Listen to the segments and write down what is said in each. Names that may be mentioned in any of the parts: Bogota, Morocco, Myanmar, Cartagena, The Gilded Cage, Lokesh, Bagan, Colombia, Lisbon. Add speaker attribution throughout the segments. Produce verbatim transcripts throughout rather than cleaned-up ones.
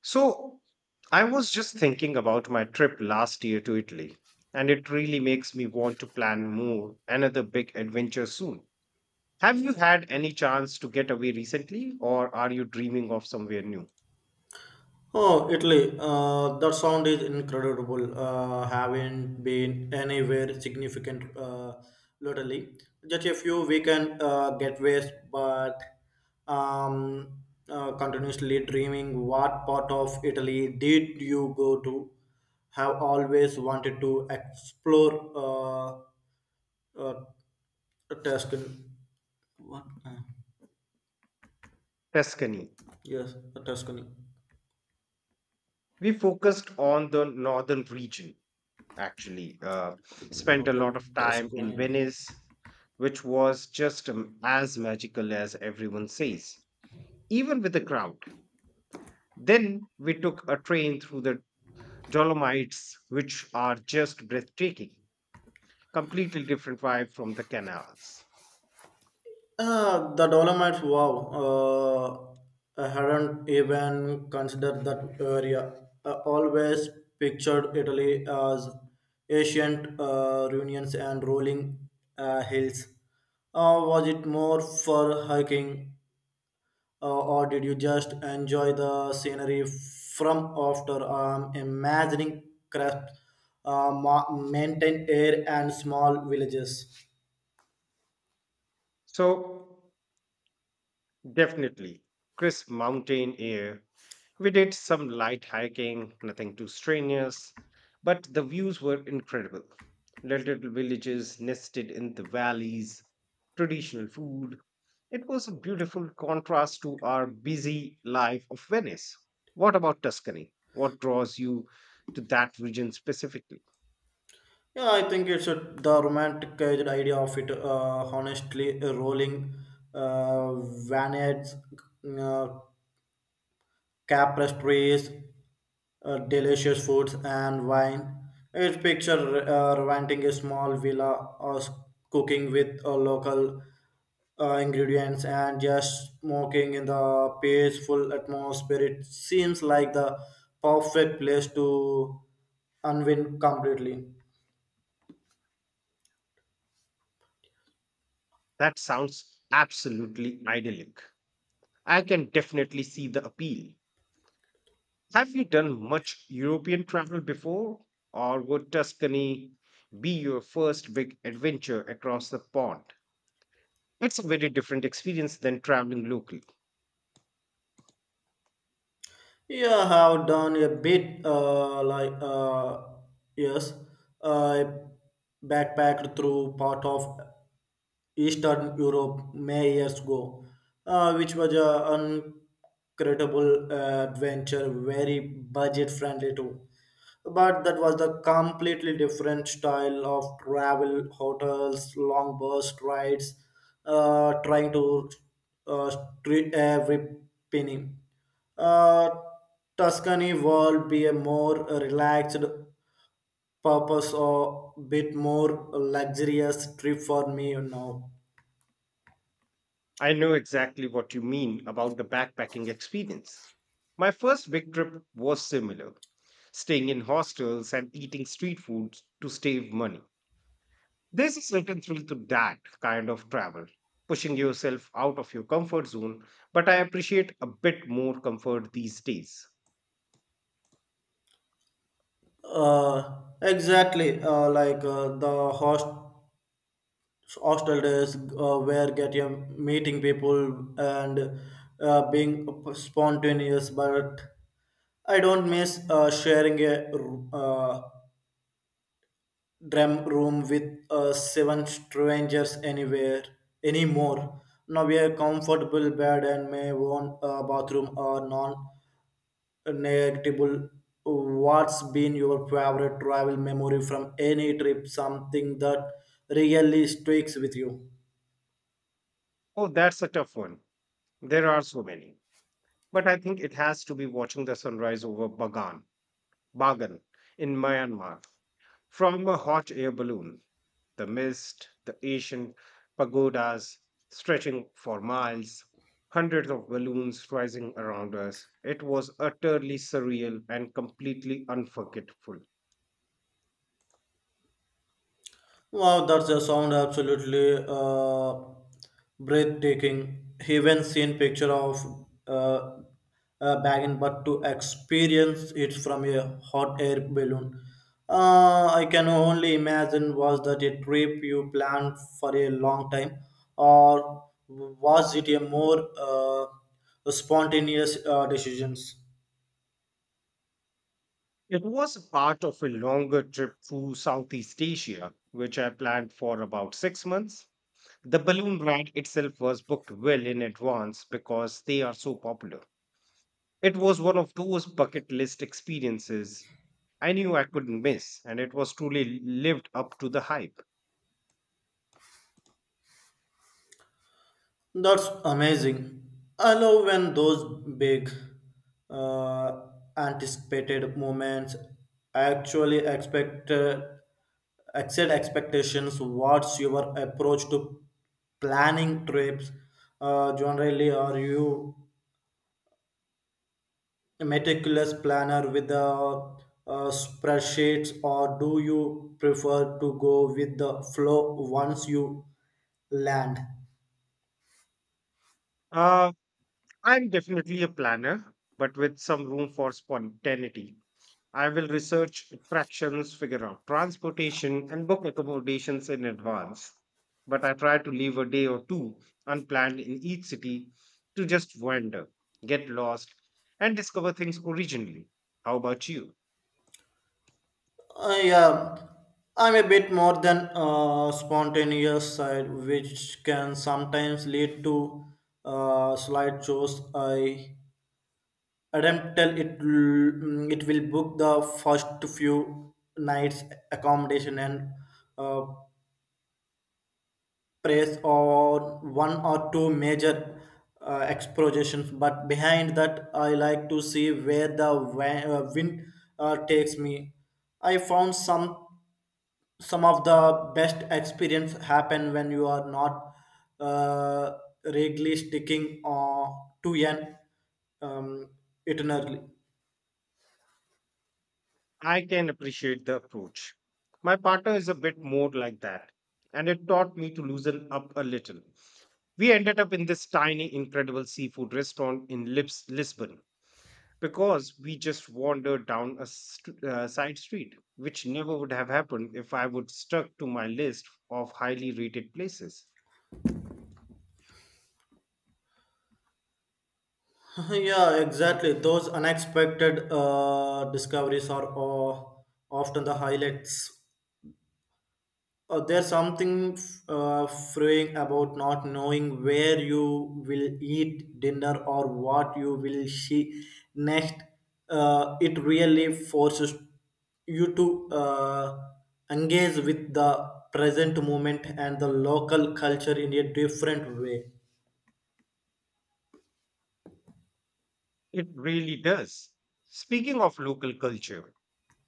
Speaker 1: So, I was just thinking about my trip last year to Italy, and it really makes me want to plan more, another big adventure soon. Have you had any chance to get away recently, or are you dreaming of somewhere new?
Speaker 2: Oh, Italy. Uh, that sound is incredible. Uh, haven't been anywhere significant uh, lately. Just a few weekend uh, getaways, but um, uh, continuously dreaming. What part of Italy did you go to? Have always wanted to explore uh, uh, Tuscany. What? Uh,
Speaker 1: Tuscany.
Speaker 2: yes, Tuscany.
Speaker 1: We focused on the northern region, actually. Uh,
Speaker 2: No,
Speaker 1: spent a lot of time in
Speaker 2: Tuscany.
Speaker 1: Venice, which was just um, as magical as everyone says, even with the crowd. Then we took a train through the Dolomites, which are just breathtaking, completely different vibe from the canals.
Speaker 2: Uh, the Dolomites, wow. Uh, I hadn't even considered that area. I always pictured Italy as ancient uh, ruins and rolling uh, hills. Uh, was it more for hiking, uh, or did you just enjoy the scenery from after? Um, imagining crisp uh, ma- mountain air and small villages.
Speaker 1: So, definitely crisp mountain air. We did some light hiking, nothing too strenuous, but the views were incredible. Little villages nested in the valleys, traditional food. It was a beautiful contrast to our busy life of Venice. What about Tuscany? What draws you to that region specifically?
Speaker 2: Yeah, I think it's a, the romanticized idea of it. Uh, honestly, uh, rolling uh, vineyards, uh, tapestries, uh, delicious foods, and wine. It's picture uh, renting a small villa or s- cooking with uh, local uh, ingredients and just smoking in the peaceful atmosphere. It seems like the perfect place to unwind completely.
Speaker 1: That sounds absolutely idyllic. I can definitely see the appeal. Have you done much European travel before, or would Tuscany be your first big adventure across the pond? It's a very different experience than traveling locally.
Speaker 2: Yeah, I have done a bit uh, like uh, yes, I backpacked through part of Eastern Europe many years ago, uh, which was an incredible uh, adventure, very budget friendly too. But that was the completely different style of travel, hotels, long bus rides, uh, trying to uh, treat every penny. Uh, Tuscany world be a more relaxed purpose or bit more luxurious trip for me now.
Speaker 1: I know exactly what you mean about the backpacking experience. My first big trip was similar, staying in hostels and eating street food to save money. There's a certain thrill to that kind of travel, pushing yourself out of your comfort zone, but I appreciate a bit more comfort these days.
Speaker 2: Uh, exactly. Uh, like uh, the host hostel days uh, where get you meeting people and uh, being spontaneous. But I don't miss uh, sharing a uh, drum room with uh, seven strangers anywhere anymore. Now we are comfortable bed and may own a bathroom or non negligible. What's been your favorite travel memory from any trip? Something that really sticks with you?
Speaker 1: Oh, that's a tough one. There are so many. But I think it has to be watching the sunrise over Bagan, Bagan in Myanmar from a hot air balloon. The mist, the ancient pagodas stretching for miles, hundreds of balloons rising around us. It was utterly surreal and completely unforgettable.
Speaker 2: Wow, that's a sound absolutely uh, breathtaking. Even seen picture of uh, a wagon, but to experience it from a hot air balloon, uh, I can only imagine. Was that a trip you planned for a long time, or was it a more uh, spontaneous uh, decisions?
Speaker 1: It was part of a longer trip through Southeast Asia, which I planned for about six months. The balloon ride itself was booked well in advance because they are so popular. It was one of those bucket list experiences I knew I couldn't miss, and it was truly lived up to the hype.
Speaker 2: That's amazing. I love when those big uh, anticipated moments actually expect uh, exceed expectations. What's your approach to planning trips? Uh, generally, are you a meticulous planner with the uh, spreadsheets, or do you prefer to go with the flow once you land?
Speaker 1: Uh, I'm definitely a planner, but with some room for spontaneity. I will research attractions, figure out transportation, and book accommodations in advance. But I try to leave a day or two unplanned in each city to just wander, get lost, and discover things originally. How about you?
Speaker 2: I uh, I'm a bit more than uh, spontaneous side, which can sometimes lead to uh, slight shows. I attempt till it l- mm, it will book the first few nights accommodation and uh, praise or one or two major uh, expositions. But behind that, I like to see where the wa- uh, wind uh, takes me. I found some. Some of the best experience happen when you are not uh, rigidly sticking uh, to an um, eternally.
Speaker 1: I can appreciate the approach. My partner is a bit more like that, and it taught me to loosen up a little. We ended up in this tiny, incredible seafood restaurant in Lips- Lisbon because we just wandered down a st- uh, side street, which never would have happened if I would stuck to my list of highly rated places.
Speaker 2: yeah, exactly. Those unexpected uh, discoveries are uh, often the highlights. Uh, there's something uh, freeing about not knowing where you will eat dinner or what you will see next. Uh, it really forces you to uh, engage with the present moment and the local culture in a different way.
Speaker 1: It really does. Speaking of local culture,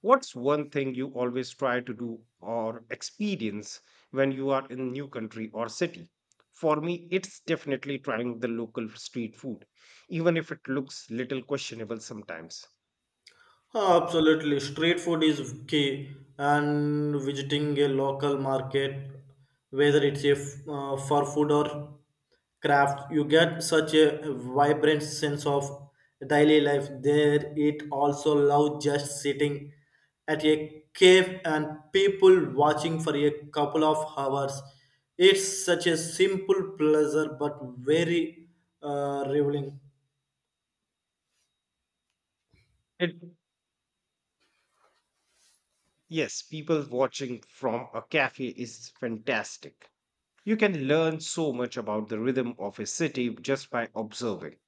Speaker 1: what's one thing you always try to do or experience when you are in new country or city? For me, it's definitely trying the local street food, even if it looks little questionable sometimes.
Speaker 2: Huh, absolutely. Street food is key, and visiting a local market, whether it's a f- uh, for food or craft, you get such a vibrant sense of daily life there. It also love just sitting at a cave and people watching for a couple of hours. It's such a simple pleasure, but very uh, revealing.
Speaker 1: It yes, people watching from a cafe is fantastic. You can learn so much about the rhythm of a city just by observing.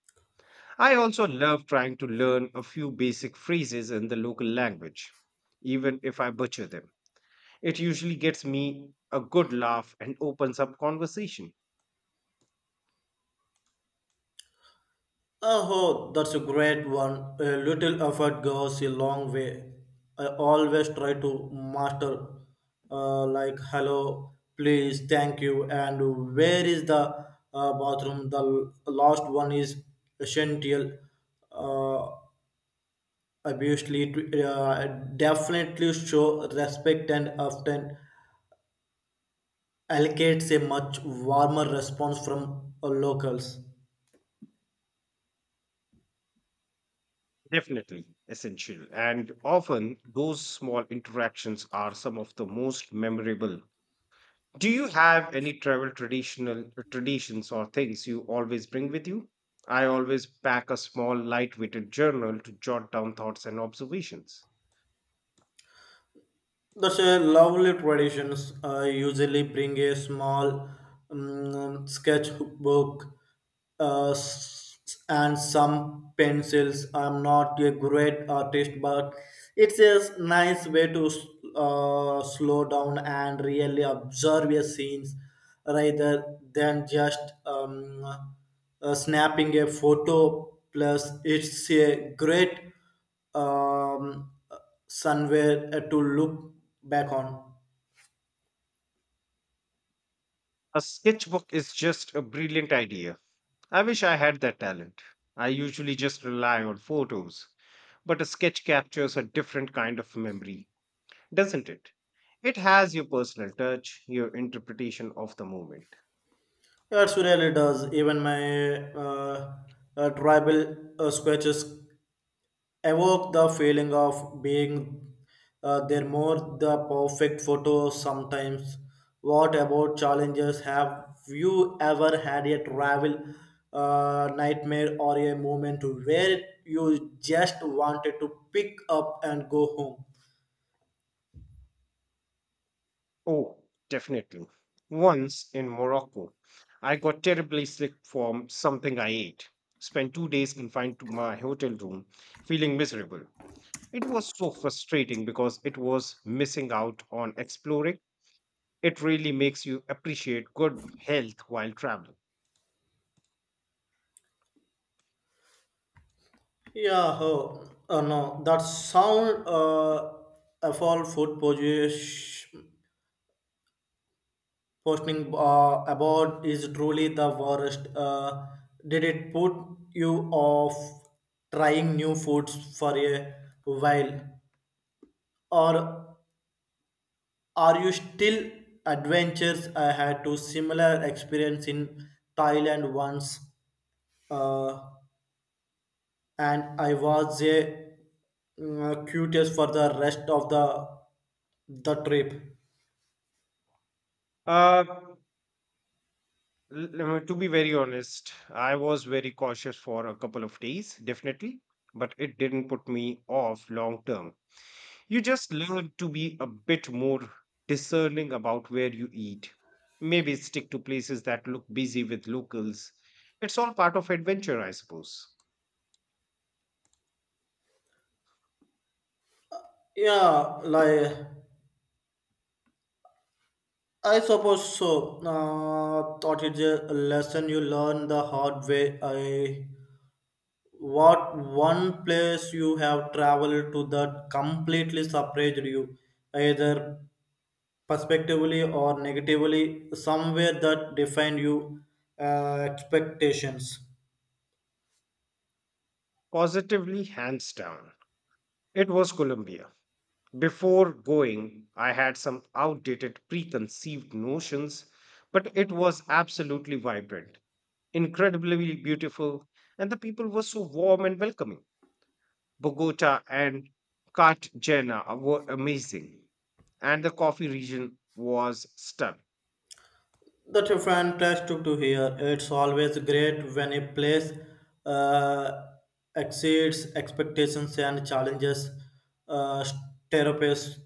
Speaker 1: I also love trying to learn a few basic phrases in the local language, even if I butcher them. It usually gets me a good laugh and opens up conversation.
Speaker 2: Oh, that's a great one. A little effort goes a long way. I always try to master, uh, like hello, please, thank you, and where is the uh, bathroom? The l- last one is essential. Uh, obviously, it, uh, definitely show respect and often allocates a much warmer response from uh, locals.
Speaker 1: Definitely essential. And often those small interactions are some of the most memorable. Do you have any travel traditional traditions or things you always bring with you? I always pack a small lightweighted journal to jot down thoughts and observations.
Speaker 2: That's a lovely traditions. I usually bring a small um, sketchbook uh, s- and some pencils. I'm not a great artist, but it's a nice way to s- uh, slow down and really observe your scenes rather than just um, uh, snapping a photo. Plus, it's a great um, somewhere uh, to look back on.
Speaker 1: A sketchbook is just a brilliant idea. I wish I had that talent. I usually just rely on photos, but a sketch captures a different kind of memory, doesn't it? It has your personal touch, your interpretation of the moment.
Speaker 2: Yeah, it really does. Even my uh, uh, tribal uh, sketches evoke the feeling of being uh, there more the perfect photo sometimes. What about challenges? Have you ever had a travel uh, nightmare or a moment where you just wanted to pick up and go home?
Speaker 1: Oh, definitely. Once in Morocco, I got terribly sick from something I ate. Spent two days confined to my hotel room, feeling miserable. It was so frustrating because it was missing out on exploring. It really makes you appreciate good health while traveling.
Speaker 2: Yeah, oh, oh no, that sound uh, of all food position, posting uh, about is truly the worst. Uh, did it put you off trying new foods for a while, or are you still adventures? I had to similar experience in Thailand once. Uh, and I was a mm, uh, curious for the rest of the the trip.
Speaker 1: Uh, l- uh, to be very honest, I was very cautious for a couple of days, definitely, but it didn't put me off long term. You just learn to be a bit more discerning about where you eat. Maybe stick to places that look busy with locals. It's all part of adventure, I suppose.
Speaker 2: Yeah, like I suppose so. Uh, thought it's a lesson you learn the hard way. I what one place you have traveled to that completely surprised you, either positively or negatively, somewhere that defined you uh, expectations.
Speaker 1: Positively, hands down. It was Colombia. Before going, I had some outdated preconceived notions, but it was absolutely vibrant, incredibly beautiful, and the people were so warm and welcoming. Bogota and Cartagena were amazing, and the coffee region was stunning.
Speaker 2: That's a fantastic to hear. It's always great when a place uh, exceeds expectations and challenges. Uh, therapists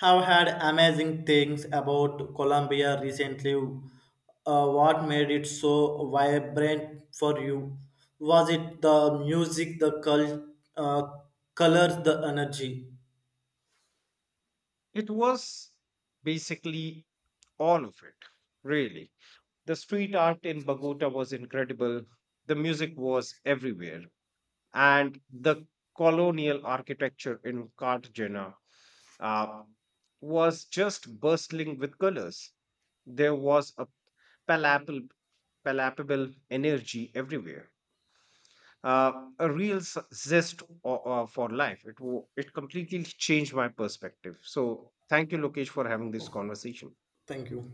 Speaker 2: have had amazing things about Colombia recently. Uh, what made it so vibrant for you? Was it the music, the col- uh, colors, the energy?
Speaker 1: It was basically all of it, really. The street art in Bogota was incredible, the music was everywhere, and the colonial architecture in Cartagena uh, was just bustling with colors. There was a palpable, palpable energy everywhere. uh, a real s- zest o- uh, for life. It wo- it completely changed my perspective. So thank you, Lokesh, for having this conversation.
Speaker 2: Thank you.